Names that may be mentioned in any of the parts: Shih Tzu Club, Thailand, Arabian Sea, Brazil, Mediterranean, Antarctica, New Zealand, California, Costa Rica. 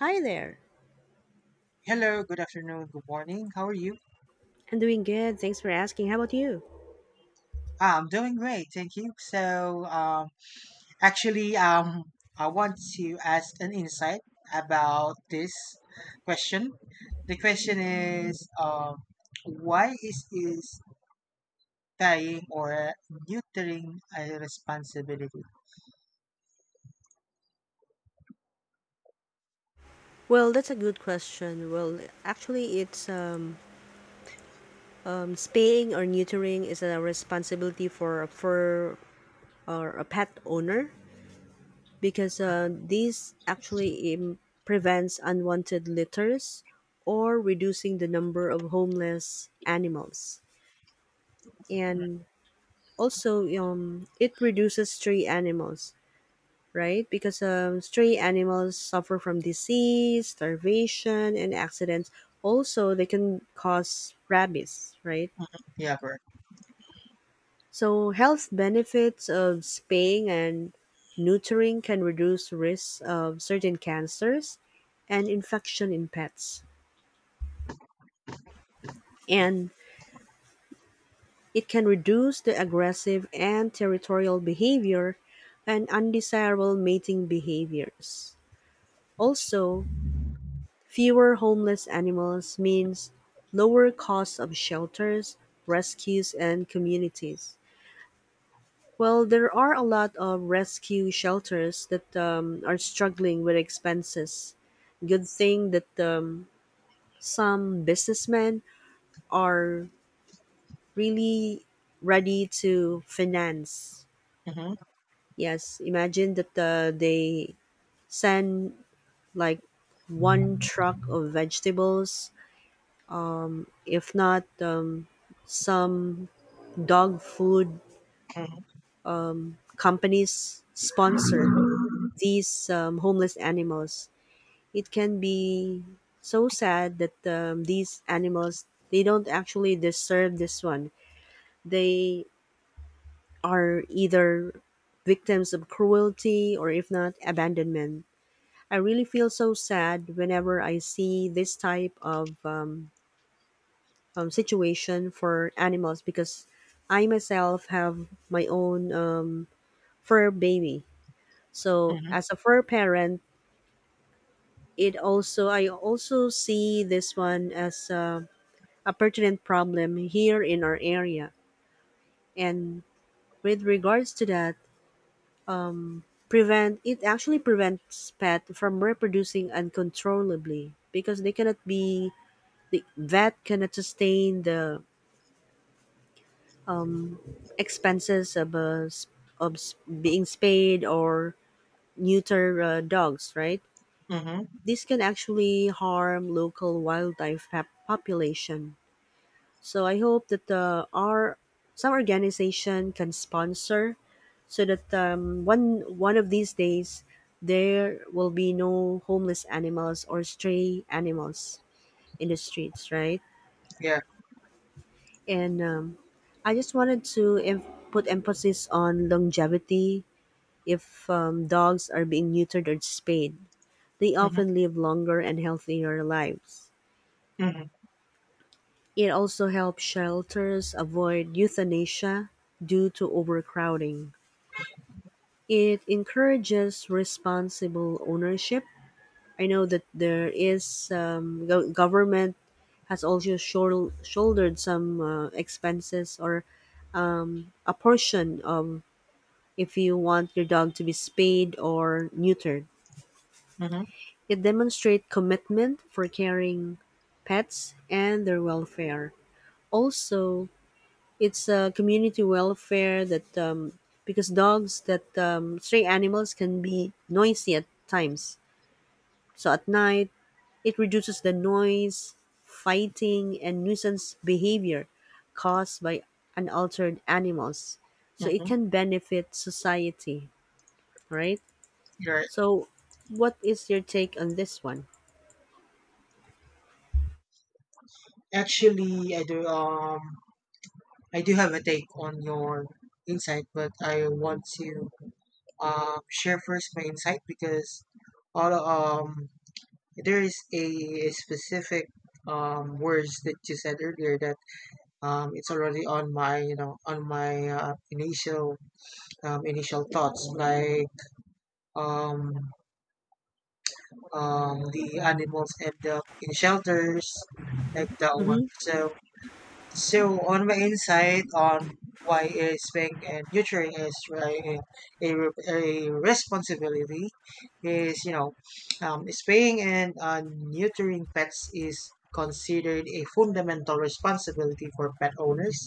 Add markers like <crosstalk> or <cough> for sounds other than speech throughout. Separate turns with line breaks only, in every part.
Hi there.
Hello, good afternoon, good morning. How are you?
I'm doing good. Thanks for asking. How about you?
Ah, I'm doing great, thank you. So, actually, I want to ask an insight about this question. The question is, why is tying or neutering a responsibility?
Well, that's a good question. Well, actually, it's Spaying or neutering is a responsibility for or a pet owner because this actually prevents unwanted litters or reducing the number of homeless animals. And also, it reduces stray animals, right? Because stray animals suffer from disease, starvation, and accidents. Also, they can cause rabies, right?
Yeah, correct.
So, health benefits of spaying and neutering can reduce risks of certain cancers and infection in pets. And it can reduce the aggressive and territorial behavior and undesirable mating behaviors. Also, fewer homeless animals means lower costs of shelters, rescues, and communities. Well, there are a lot of rescue shelters that are struggling with expenses. Good thing that some businessmen are really ready to finance.
Mm-hmm,
Yes, imagine that they send like one truck of vegetables, if not some dog food
mm-hmm,
companies sponsor these homeless animals. It can be so sad that these animals, they don't actually deserve this one. They are either victims of cruelty or if not abandonment. I really feel so sad whenever I see this type of situation for animals because I myself have my own fur baby. So
mm-hmm,
as a fur parent, it also I also see this one as a pertinent problem here in our area. And with regards to that, prevent it actually prevents pet from reproducing uncontrollably because the vet cannot sustain the expenses of a, s- of s- being spayed or neuter dogs, right?
mm-hmm,
This can actually harm local population. So I hope that our some organization can sponsor, so that um, one of these days there will be no homeless animals or stray animals in the streets, right?
yeah.
And I just wanted to put emphasis on longevity. If dogs are being neutered or spayed, they
Mm-hmm,
often live longer and healthier lives.
mm-hmm,
It also helps shelters avoid euthanasia due to overcrowding. It encourages responsible ownership. I know that there is go- government has also shouldered some expenses or a portion of if you want your dog to be spayed or neutered.
mm-hmm,
It demonstrates commitment for caring pets and their welfare. Also, it's a community welfare that because dogs that, stray animals can be noisy at times. So at night, it reduces the noise, fighting, and nuisance behavior caused by unaltered animals. So it
mm-hmm.
can benefit society, right?
Right.
So, what is your take on this one?
Actually, I do. I do have a take on your insight, but I want to share first my insight because all there is a specific words that you said earlier that it's already on my initial thoughts, like um the animals end up in shelters like that one
Mm-hmm.
so, on my insight on why is being a nurturing is really a responsibility is spaying and neutering pets is considered a fundamental responsibility for pet owners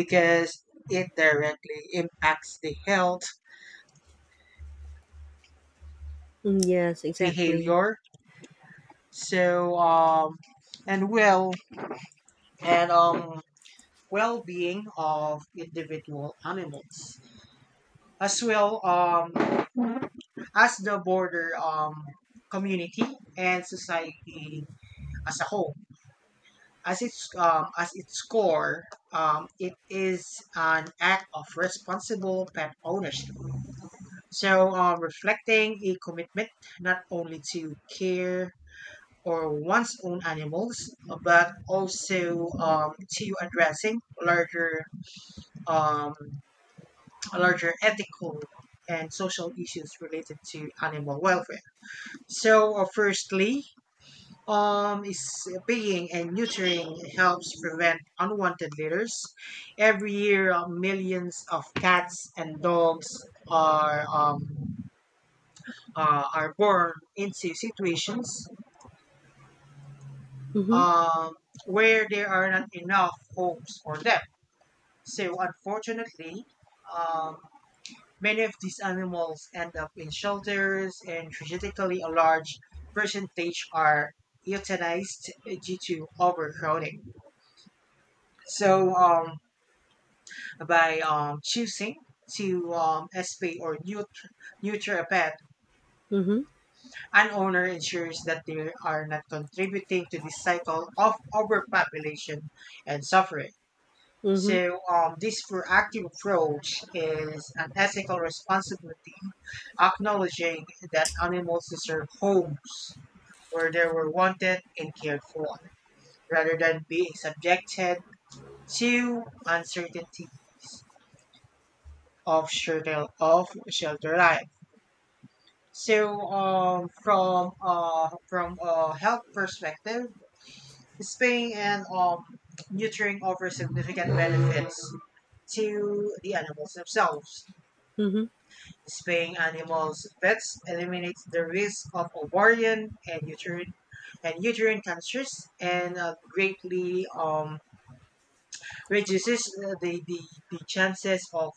because it directly impacts the health
Yes, exactly.
behavior so and well and well-being of individual animals as well as the border community and society as a whole. As its core, it is an act of responsible pet ownership. So, reflecting a commitment not only to care or one's own animals, but also to addressing larger um, ethical and social issues related to animal welfare. So, firstly, is paying and neutering helps prevent unwanted litters. Every year, millions of cats and dogs are um, are born into situations
Mm-hmm.
um, where there are not enough homes for them. So, unfortunately, um, Many of these animals end up in shelters, and tragically, a large percentage are euthanized due to overcrowding. So, by choosing to spay or neuter a pet,
Mm-hmm.
an owner ensures that they are not contributing to this cycle of overpopulation and suffering.
Mm-hmm.
So, this proactive approach is an ethical responsibility, acknowledging that animals deserve homes where they were wanted and cared for, rather than being subjected to uncertainties of shelter life. So, from a health perspective, spaying and neutering offer significant benefits to the animals themselves.
Mm-hmm.
Spaying animals' pets eliminates the risk of ovarian and uterine cancers and greatly reduces the chances of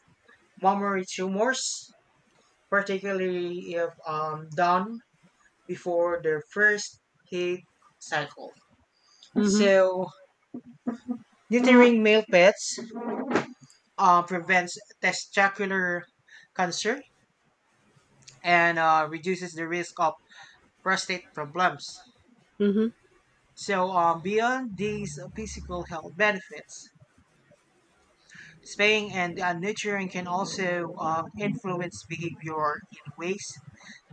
mammary tumors, particularly if done before their first heat cycle.
Mm-hmm.
So, neutering male pets prevents testicular cancer and reduces the risk of prostate problems.
Mm-hmm.
So, beyond these physical health benefits, spaying and nurturing can also influence behavior in ways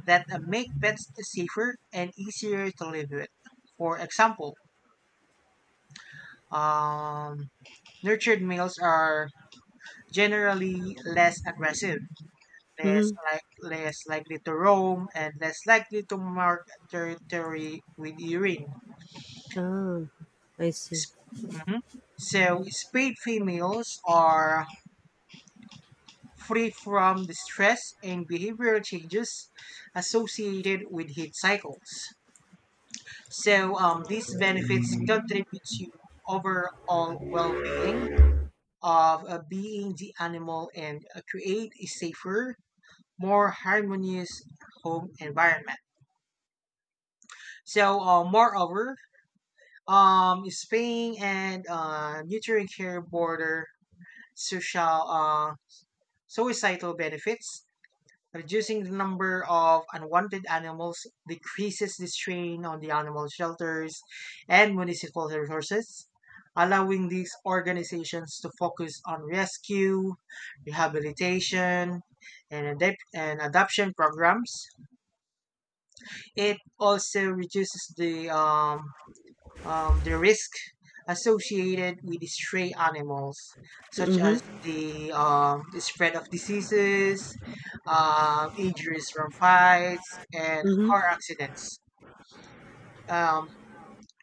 that make pets safer and easier to live with. For example, um, nurtured males are generally less aggressive, less
Mm-hmm.
like less likely to roam, and less likely to mark territory with urine.
Ah, I see.
Mhm. So, spayed females are free from the stress and behavioral changes associated with heat cycles. So these benefits contribute to overall well-being of being the animal and create a safer, more harmonious home environment. So, moreover, spaying and neutering care border social societal benefits. Reducing the number of unwanted animals decreases the strain on the animal shelters and municipal resources, allowing these organizations to focus on rescue, rehabilitation, and adoption programs. It also reduces the risk associated with stray animals, such as
Mm-hmm.
the spread of diseases, injuries from fights, and
Mm-hmm.
car accidents. Um,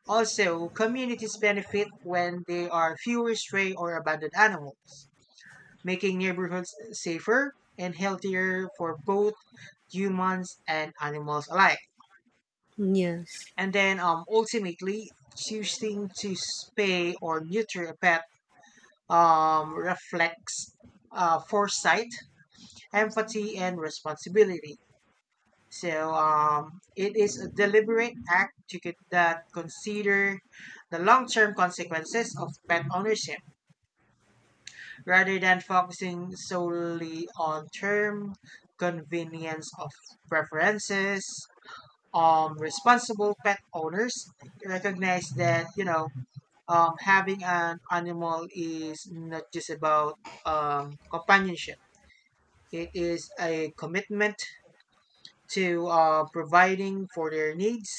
also, communities benefit when there are fewer stray or abandoned animals, making neighborhoods safer and healthier for both humans and animals alike.
mm, Yes.
And then, ultimately, choosing to spay or neuter a pet reflects foresight, empathy, and responsibility. So it is a deliberate act that consider the long-term consequences of pet ownership rather than focusing solely on term convenience of preferences. Responsible pet owners recognize that having an animal is not just about companionship. It is a commitment to providing for their needs,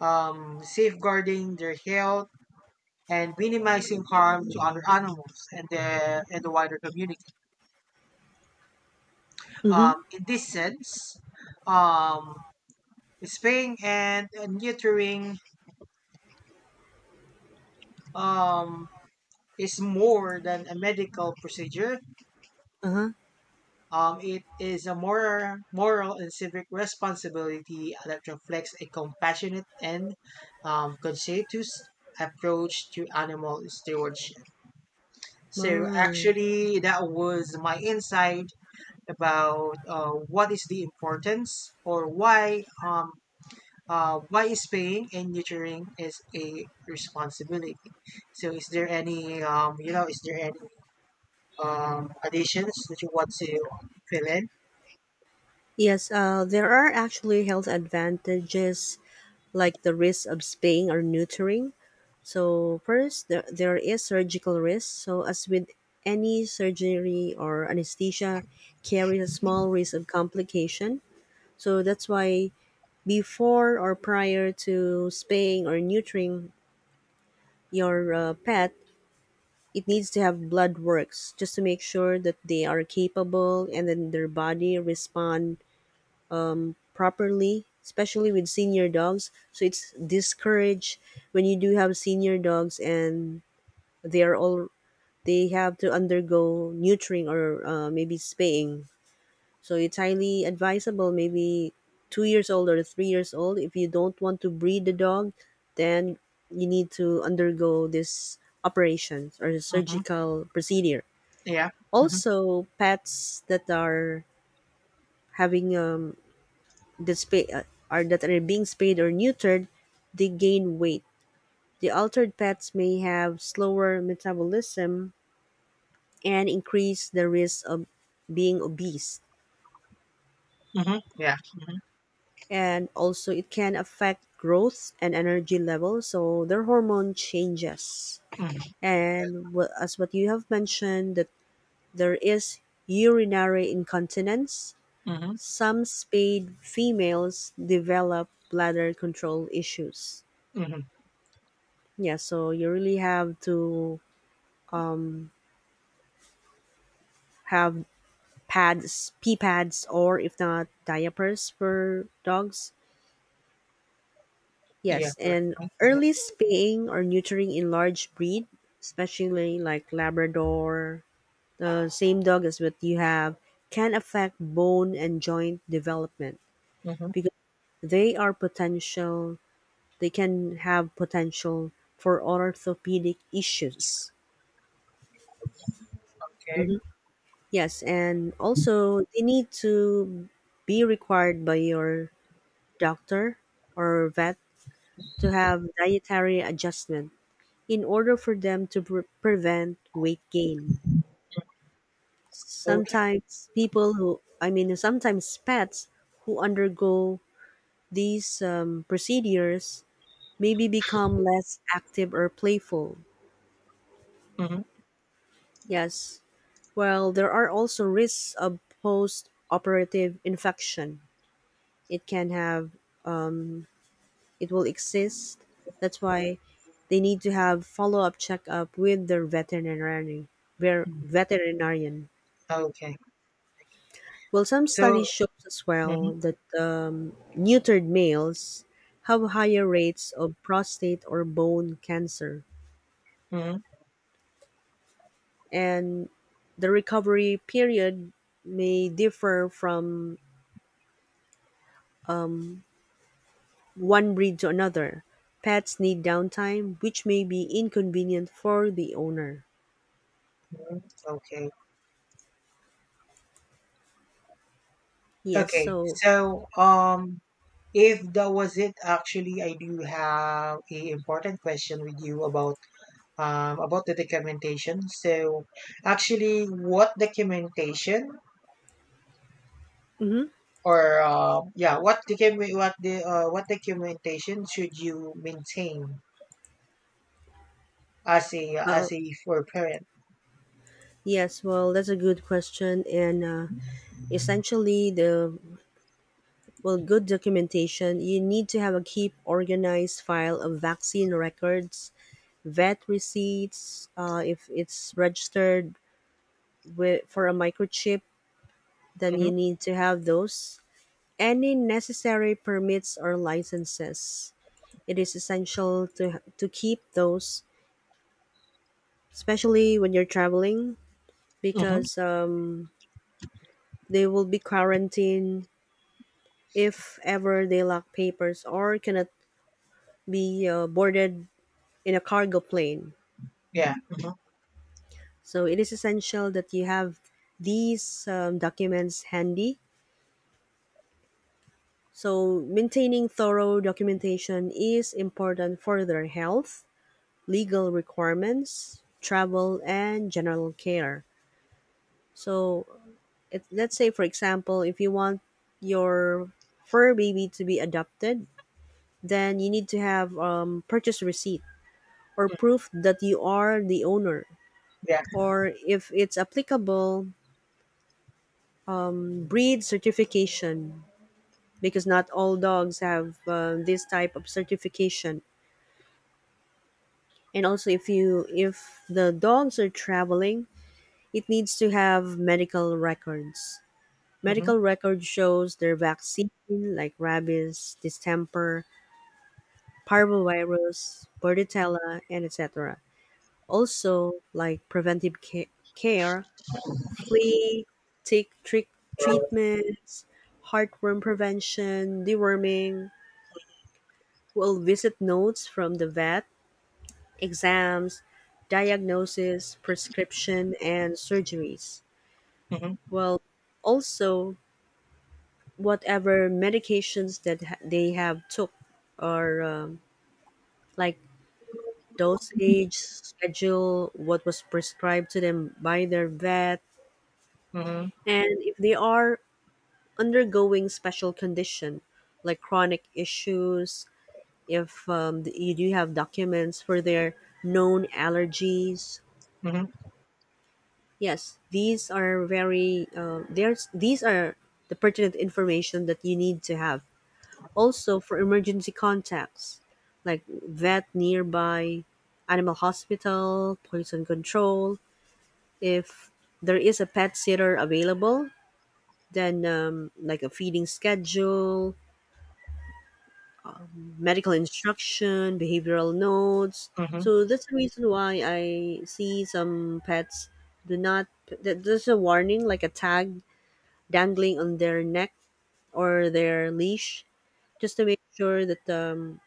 safeguarding their health, and minimizing harm to other animals and the wider community.
Mm-hmm.
In this sense, um, spaying and neutering um, is more than a medical procedure.
Uh-huh.
It is a moral and civic responsibility that reflects a compassionate and conscientious approach to animal stewardship. So,
Ah.
actually, that was my insight about what is the importance or why is paying and nurturing is a responsibility. So, is there any additions that you want to fill in?
Yes, there are actually health advantages like the risk of spaying or neutering. So, first, there is surgical risk. So, as with any surgery or anesthesia, carries a small risk of complication. So, that's why before or prior to spaying or neutering your pet, it needs to have blood works just to make sure that they are capable and then their body respond properly, especially with senior dogs. So it's discouraged when you do have senior dogs and they are all they have to undergo neutering or maybe spaying. So it's highly advisable, maybe 2 years old or 3 years old. If you don't want to breed the dog, then you need to undergo this operation or
Hmm.
surgical procedure.
Yeah. Mm-hmm.
Also, pets that are having um, that spa- uh, that are being spayed or neutered, they gain weight. The altered pets may have slower metabolism and increase the risk of being obese.
Mm-hmm. Yeah. Mm-hmm.
And also, it can affect growth and energy levels, so their hormone changes.
Mm-hmm.
And as what you have mentioned, that there is urinary incontinence.
Mm-hmm.
Some spayed females develop bladder control issues.
Mm-hmm.
Yeah, so you really have to have pads, pee pads, or if not, diapers for dogs.
Yeah.
Yes,
Correct.
and
Mm-hmm.
early spaying or neutering in large breed, especially like Labrador, the same dog as what you have, can affect bone and joint development
Mm-hmm.
because they are potential. They can have potential for orthopedic issues.
Okay.
Mm-hmm. Yes, and also they need to be required by your doctor or vet to have dietary adjustment in order for them to prevent weight gain.
Okay.
Sometimes people who, I mean, sometimes pets who undergo these procedures maybe become less active or playful.
Mm-hmm.
Yes. Well, there are also risks of post operative infection. It can have it will exist. That's why they need to have follow up checkup with their veterinarian.
Okay.
Well, some
So.
studies show as
Mm-hmm.
well that neutered males have higher rates of prostate or bone cancer,
Mm-hmm.
and the recovery period may differ from one breed to another. Pets need downtime, which may be inconvenient for the owner.
Okay.
Yes,
Okay.
so
So, if that was it, actually, I do have a important question with you about the documentation. So, actually, what documentation
hmm
or yeah, what documentation should you maintain as a
uh,
as a for parent?
Yes, well, that's a good question. And essentially, the good documentation, you need to have a keep organized file of vaccine records, vet receipts. If it's registered with, for a microchip, then
Mhm.
you need to have those. Any necessary permits or licenses. It is essential to keep those, especially when you're traveling,
Mhm.
because they will be quarantined if ever they lack papers or cannot be boarded in a cargo plane.
Yeah. Mhm.
So it is essential that you have these documents handy. So maintaining thorough documentation is important for their health, legal requirements, travel, and general care. So it, let's say, for example, if you want your fur baby to be adopted, then you need to have purchase receipt or
Mm.
proof that you are the owner.
Yeah.
Or if it's applicable, breed certification because not all dogs have this type of certification. And also, if the dogs are traveling, it needs to have medical records.
Mhm.
Medical record shows their vaccine like rabies, distemper, parvovirus, bordetella, and etc. Also, like preventive care, flea, tick trick treatments, heartworm prevention, deworming. We'll visit notes from the vet, exams, diagnosis, prescription, and surgeries.
Mhm.
Well, also whatever medications that they have took or like dosage schedule what was prescribed to them by their vet,
Mhm.
and if they are undergoing special condition like chronic issues, if you do have documents for their known allergies.
Mhm.
These are the pertinent information that you need to have. Also for emergency contacts like vet nearby, animal hospital, poison control, if there is a pet sitter available, then like a feeding schedule, medical instruction, behavioral notes.
Mhm.
So that's the reason why I see some pets do not. That- there's a warning, like a tag dangling on their neck or their leash, just to make sure that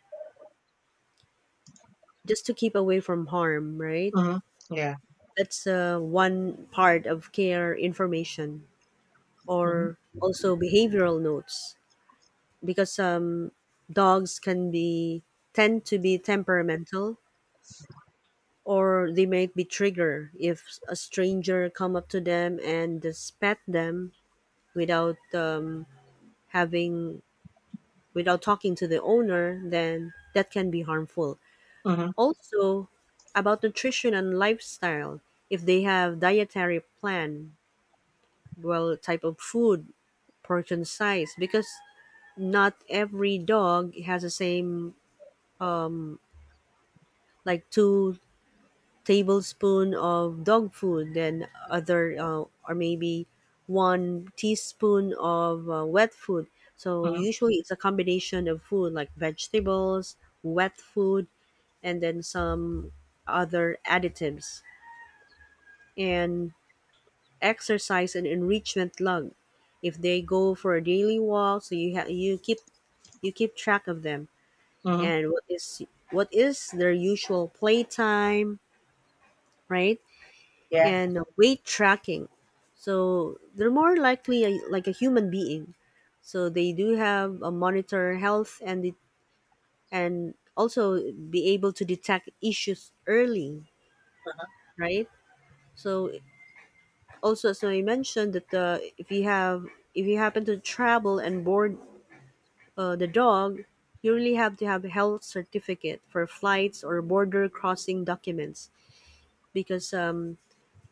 just to keep away from harm. Right.
Mhm. Yeah.
That's one part of care information,
Mhm.
or also behavioral notes, because dogs can be tend to be temperamental or they might be triggered if a stranger come up to them and just pet them without having without talking to the owner, then that can be harmful.
Mhm.
Also about nutrition and lifestyle, if they have dietary plan, well, type of food, portion size, because not every dog has the same, like two tablespoon of dog food, then other, or maybe one teaspoon of wet food. So
Mhm.
usually it's a combination of food like vegetables, wet food, and then some other additives. And exercise and enrichment log. If they go for a daily walk, so you keep track of them
Mhm.
and what is their usual playtime, right?
Yeah.
And weight tracking. So they're more likely a, like a human being. So they do have a monitor health, and and also be able to detect issues early, right? So also, so I mentioned that if you happen to travel and board the dog, you really have to have a health certificate for flights or border crossing documents because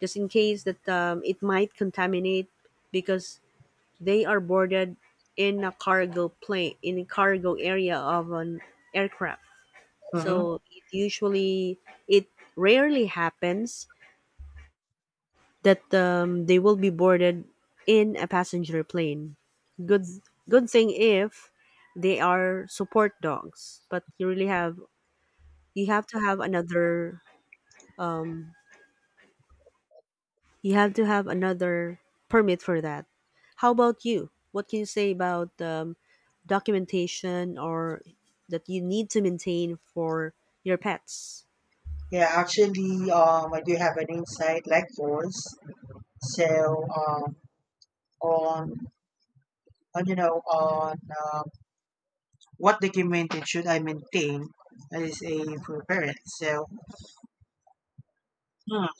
just in case that it might contaminate because they are boarded in a cargo plane, in a cargo area of an aircraft.
Mhm.
So it rarely happens that they will be boarded in a passenger plane. Good Good thing if they are support dogs, but you have to have another um, You have to have another permit for that. How about you? What can you say about documentation or that you need to maintain for your pets?
Yeah. Actually, I do have an insight like yours. So, um, on, on um, what documented should I maintain as a for parent? So, hmm.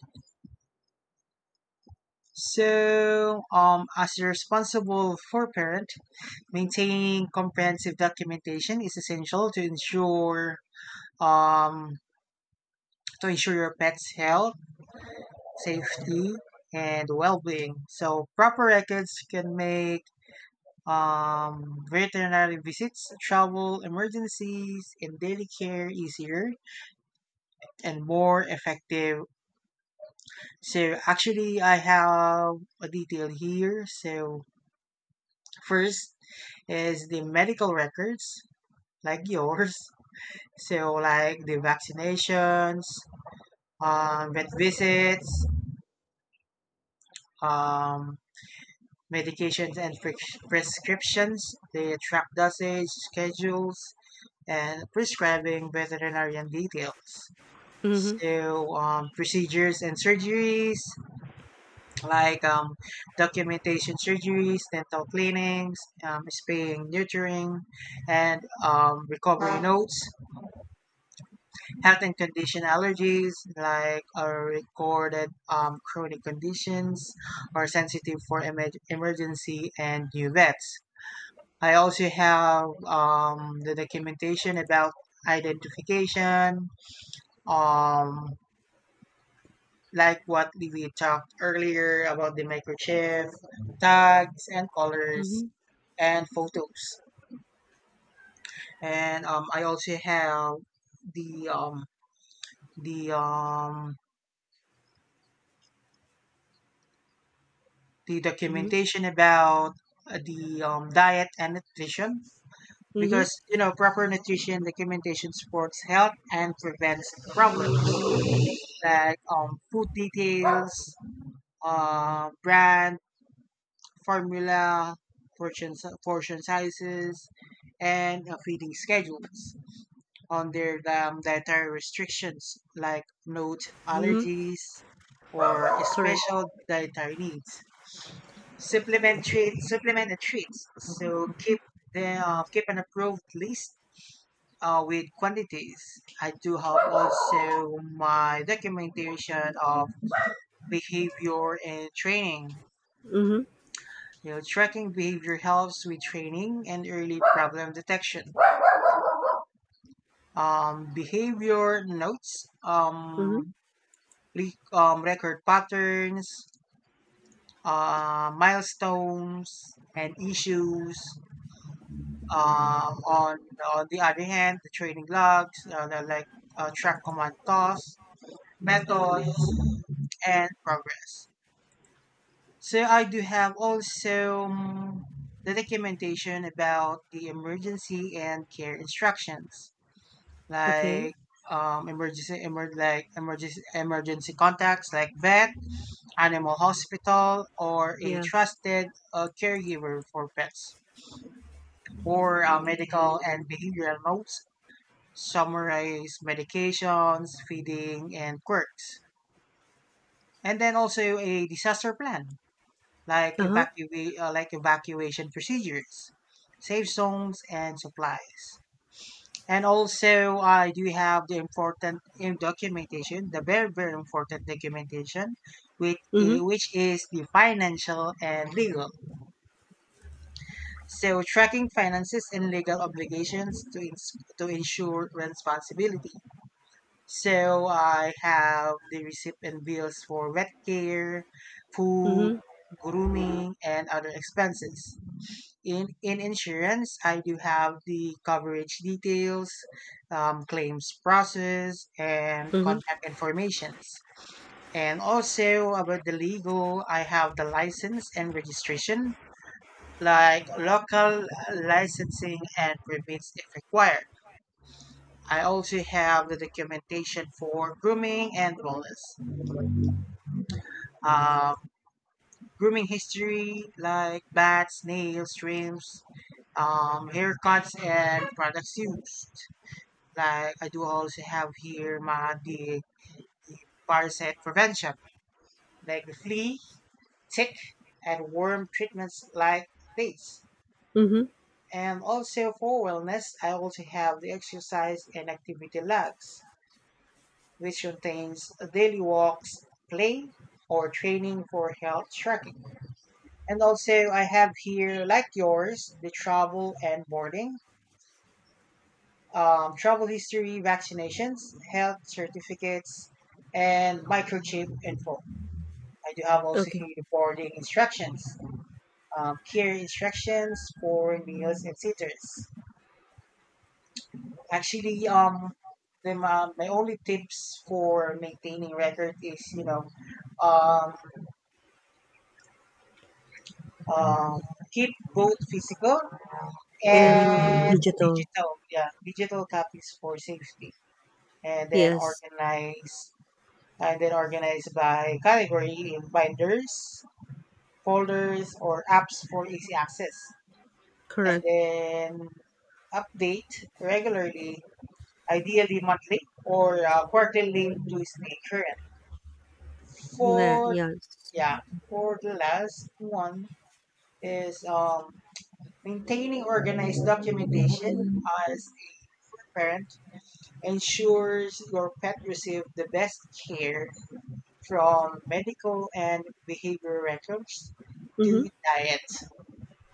as a responsible for parent, maintaining comprehensive documentation is essential to ensure um, your pet's health, safety, and well-being. So proper records can make um, veterinary visits, travel, emergencies, and daily care easier and more effective. So actually, I have a detail here. So first is the medical records, like yours. So like the vaccinations, vet visits, um, medications, and prescriptions; they track dosage, schedules, and prescribing veterinarian details.
Mm-hmm.
So procedures and surgeries, like documentation surgeries, dental cleanings, spaying, neutering, and recovery notes; health and condition allergies, like are recorded chronic conditions or sensitive for emergency and new vets. I also have the documentation about identification, um, like what we talked earlier about the microchip tags and colors
Mm-hmm.
and photos. And I also have the um, the um, the
Mm-hmm.
documentation about the diet and nutrition,
Mm-hmm.
because proper nutrition documentation supports health and prevents problems, like food details, brand, formula, portion sizes, and feeding schedules. On their dietary restrictions, like note
Mm-hmm.
allergies or
Correct.
special dietary needs. Supplement the treats. So keep an approved list with quantities. I do have also my documentation of behavior and training.
Mm-hmm.
Tracking behavior helps with training and early problem detection. Behavior notes,
Mm-hmm.
record patterns, milestones, and issues. Um, on, on the other hand, the training logs, the, like track command costs, methods, and progress. So I do have also the documentation about the emergency and care instructions,
Okay.
like emergency contacts, like vet, animal hospital, or a
Yeah.
trusted caregiver for pets; or medical and behavioral notes summarize medications, feeding, and quirks. And then also a disaster plan, like
Uh-huh.
evacuation procedures, safe zones, and supplies. And also, I do have the important in documentation, the very very important documentation, with
Mm-hmm.
i- which is the financial and legal. So tracking finances and legal obligations to ensure responsibility. So I have the receipt and bills for vet care, food,
Mm-hmm.
grooming, and other expenses. In insurance, I do have the coverage details, claims process, and
Mm-hmm.
contact informations. And also about the legal, I have the license and registration, like local licensing and permits if required. I also have the documentation for grooming and wellness. Um, Grooming history like bats, nails, trims, haircuts, and products used. Like I do also have here the parasite prevention, like the flea, tick, and worm treatments like these.
Mm-hmm.
And also for wellness, I also have the exercise and activity logs, which contains daily walks, play, or training for health tracking. And also, I have here, like yours, the travel and boarding, travel history, vaccinations, health certificates, and microchip info. I do have also
Okay.
here the boarding instructions, care instructions for meals and sitters. Actually, my only tips for maintaining record is, um, um, keep both physical
And
and
digital.
digital, yeah, digital copies for safety. and then
Yes.
organize and then organize by category in binders, folders, or apps for easy access. And
Correct.
then update regularly, ideally monthly or quarterly to stay current.
Yeah.
For,
Yes.
yeah, for the last one is maintaining organized documentation as a parent ensures your pet receive the best care, from medical and behavioral records to
Mm-hmm.
diet,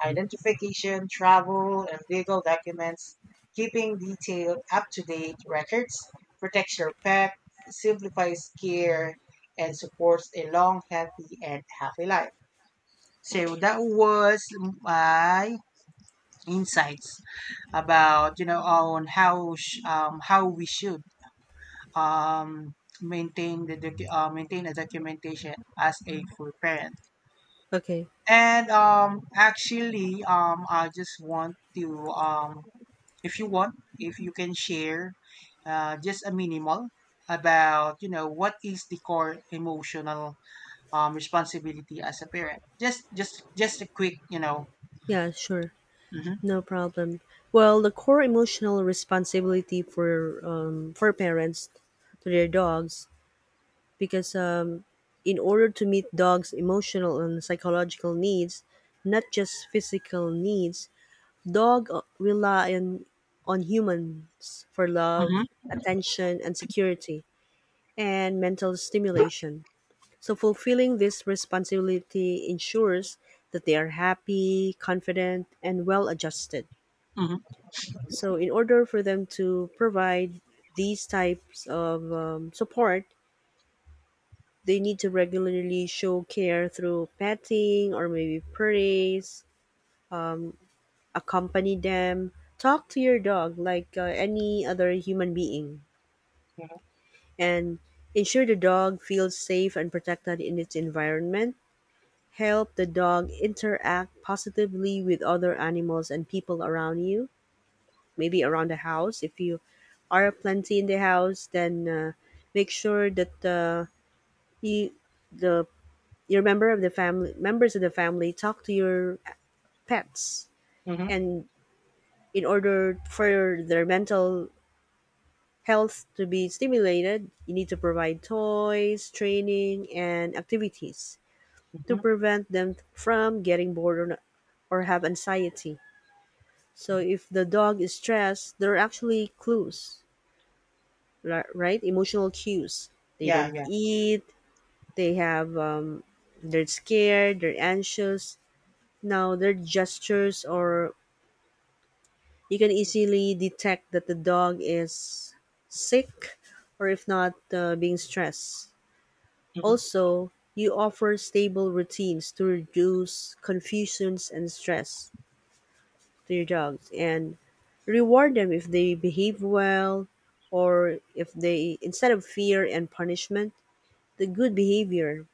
identification, travel, and legal documents. Keeping detailed, up to date records protects your pet, simplifies care, and supports a long, healthy, and happy life. So that was my insights about on how we should um, maintain maintain a documentation as a full parent.
Okay.
And actually, I just want to, if you want, if you can share, just a minimal about what is the core emotional responsibility as a parent. Just a quick.
Yeah. Sure.
Mm-hmm,
No problem. Well, the core emotional responsibility for parents to their dogs, because in order to meet dogs' emotional and psychological needs, not just physical needs, dog rely on humans for love,
mm-hmm,
attention, and security, and mental stimulation. So, fulfilling this responsibility ensures that they are happy, confident, and well adjusted.
mm-hmm,
So in order for them to provide these types of support, they need to regularly show care through petting or maybe praise, accompany them, talk to your dog like any other human being, and ensure the dog feels safe and protected in its environment. Help the dog interact positively with other animals and people around you, maybe around the house. If you are plenty in the house, then make sure that you the your member of the family members of the family talk to your pets,
mm-hmm,
and in order for their mental health to be stimulated, you need to provide toys, training, and activities to
hmm,
prevent them from getting bored, or have anxiety. So if the dog is stressed, there are actually clues, right emotional cues. They
Yeah,
don't
yeah,
eat, they have they're scared, they're anxious, now their gestures, or you can easily detect that the dog is sick or if not being stressed.
mm-hmm,
Also you offer stable routines to reduce confusions and stress to your dogs, and reward them if they behave well, or if they, instead of fear and punishment, the good behavior.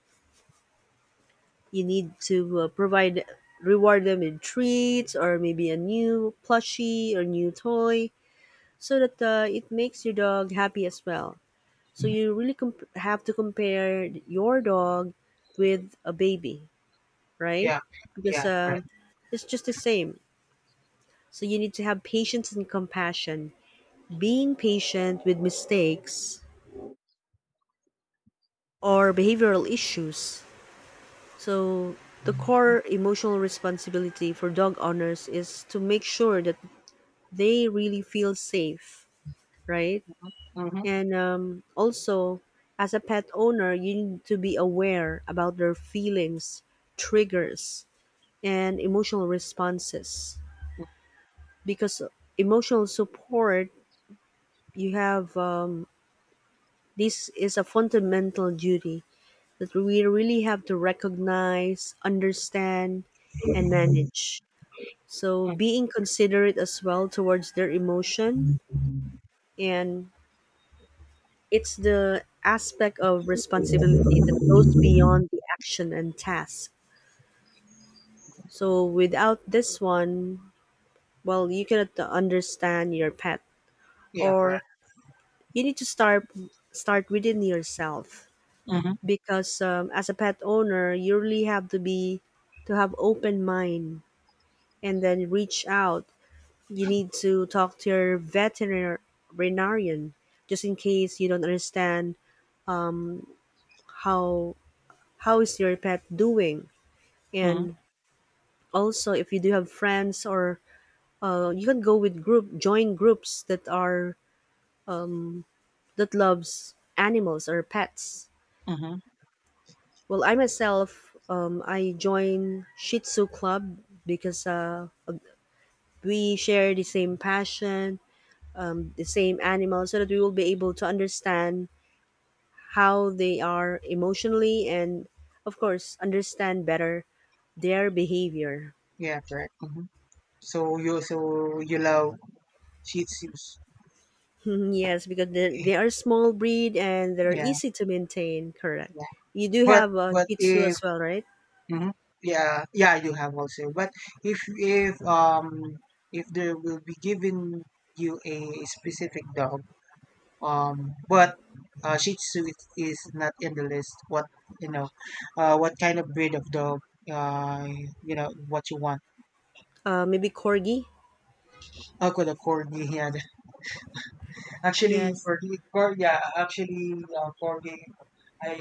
You need to provide, reward them with treats or maybe a new plushie or new toy, so that it makes your dog happy as well. So you really have to compare your dog with a baby, right?
yeah,
Because
yeah, right.
it's just the same. So you need to have patience and compassion. Being patient with mistakes or behavioral issues. So, the core emotional responsibility for dog owners is to make sure that they really feel safe, right?
Mm-hmm. Mm-hmm.
And also, as a pet owner, you need to be aware about their feelings, triggers, and emotional responses. Because emotional support, you have this is a fundamental duty that we really have to recognize, understand, and manage. So being considerate as well towards their emotion, and it's the aspect of responsibility that goes beyond the action and task. So without this one, well, you cannot understand your pet,
Yeah,
or
correct.
you need to start within yourself,
Mm-hmm,
because as a pet owner you really have to be, to have open mind and then reach out. You need to talk to your veterinarian just in case you don't understand how how is your pet doing.
mm-hmm,
And also, if you do have friends, or you can go with group, join groups that are, that loves animals or pets.
mm-hmm,
Well, I myself, I joined Shih Tzu Club because we share the same passion, the same animal, so that we will be able to understand how they are emotionally and of course understand better their behavior.
yeah, correct. Mm-hmm. So you love Shih Tzus. <laughs>
<laughs> Yes, because they are small breed and they're
Yeah.
easy to maintain, correct.
Yeah,
You do
But
have a
but
shih tzu
if,
as well, right?
mhm, yeah, yeah, you have also. But if if um if there will be given you a specific dog, but, Shih Tzu is not in the list. You know, what kind of breed of dog, uh what you want?
Maybe corgi.
Oh, good, a corgi. Yeah, <laughs> actually,
Yes.
corgi. Yeah, actually, corgi. I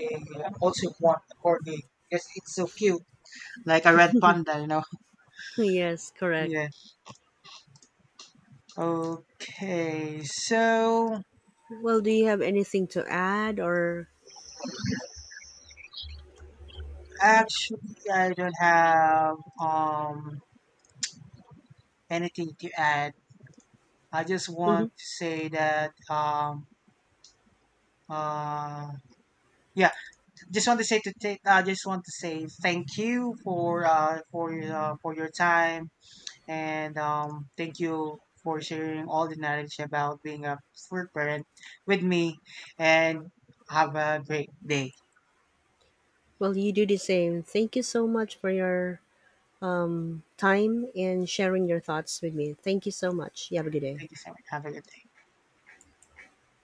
also want a corgi because it's so cute, like a red panda.
<laughs> Yes, correct.
Yeah. Okay, so
Well, do you have anything to add, or?
actually, I don't have anything to add. I just
Mhm.
want to say that uh yeah, just want to say to take. I just want to say thank you for your time, and thank you for sharing all the knowledge about being a fruit parent with me, and have a great day.
Well, you do the same, thank you so much for your time and sharing your thoughts with me. Thank you so much, you have a good day.
Thank you so much. Have a good day.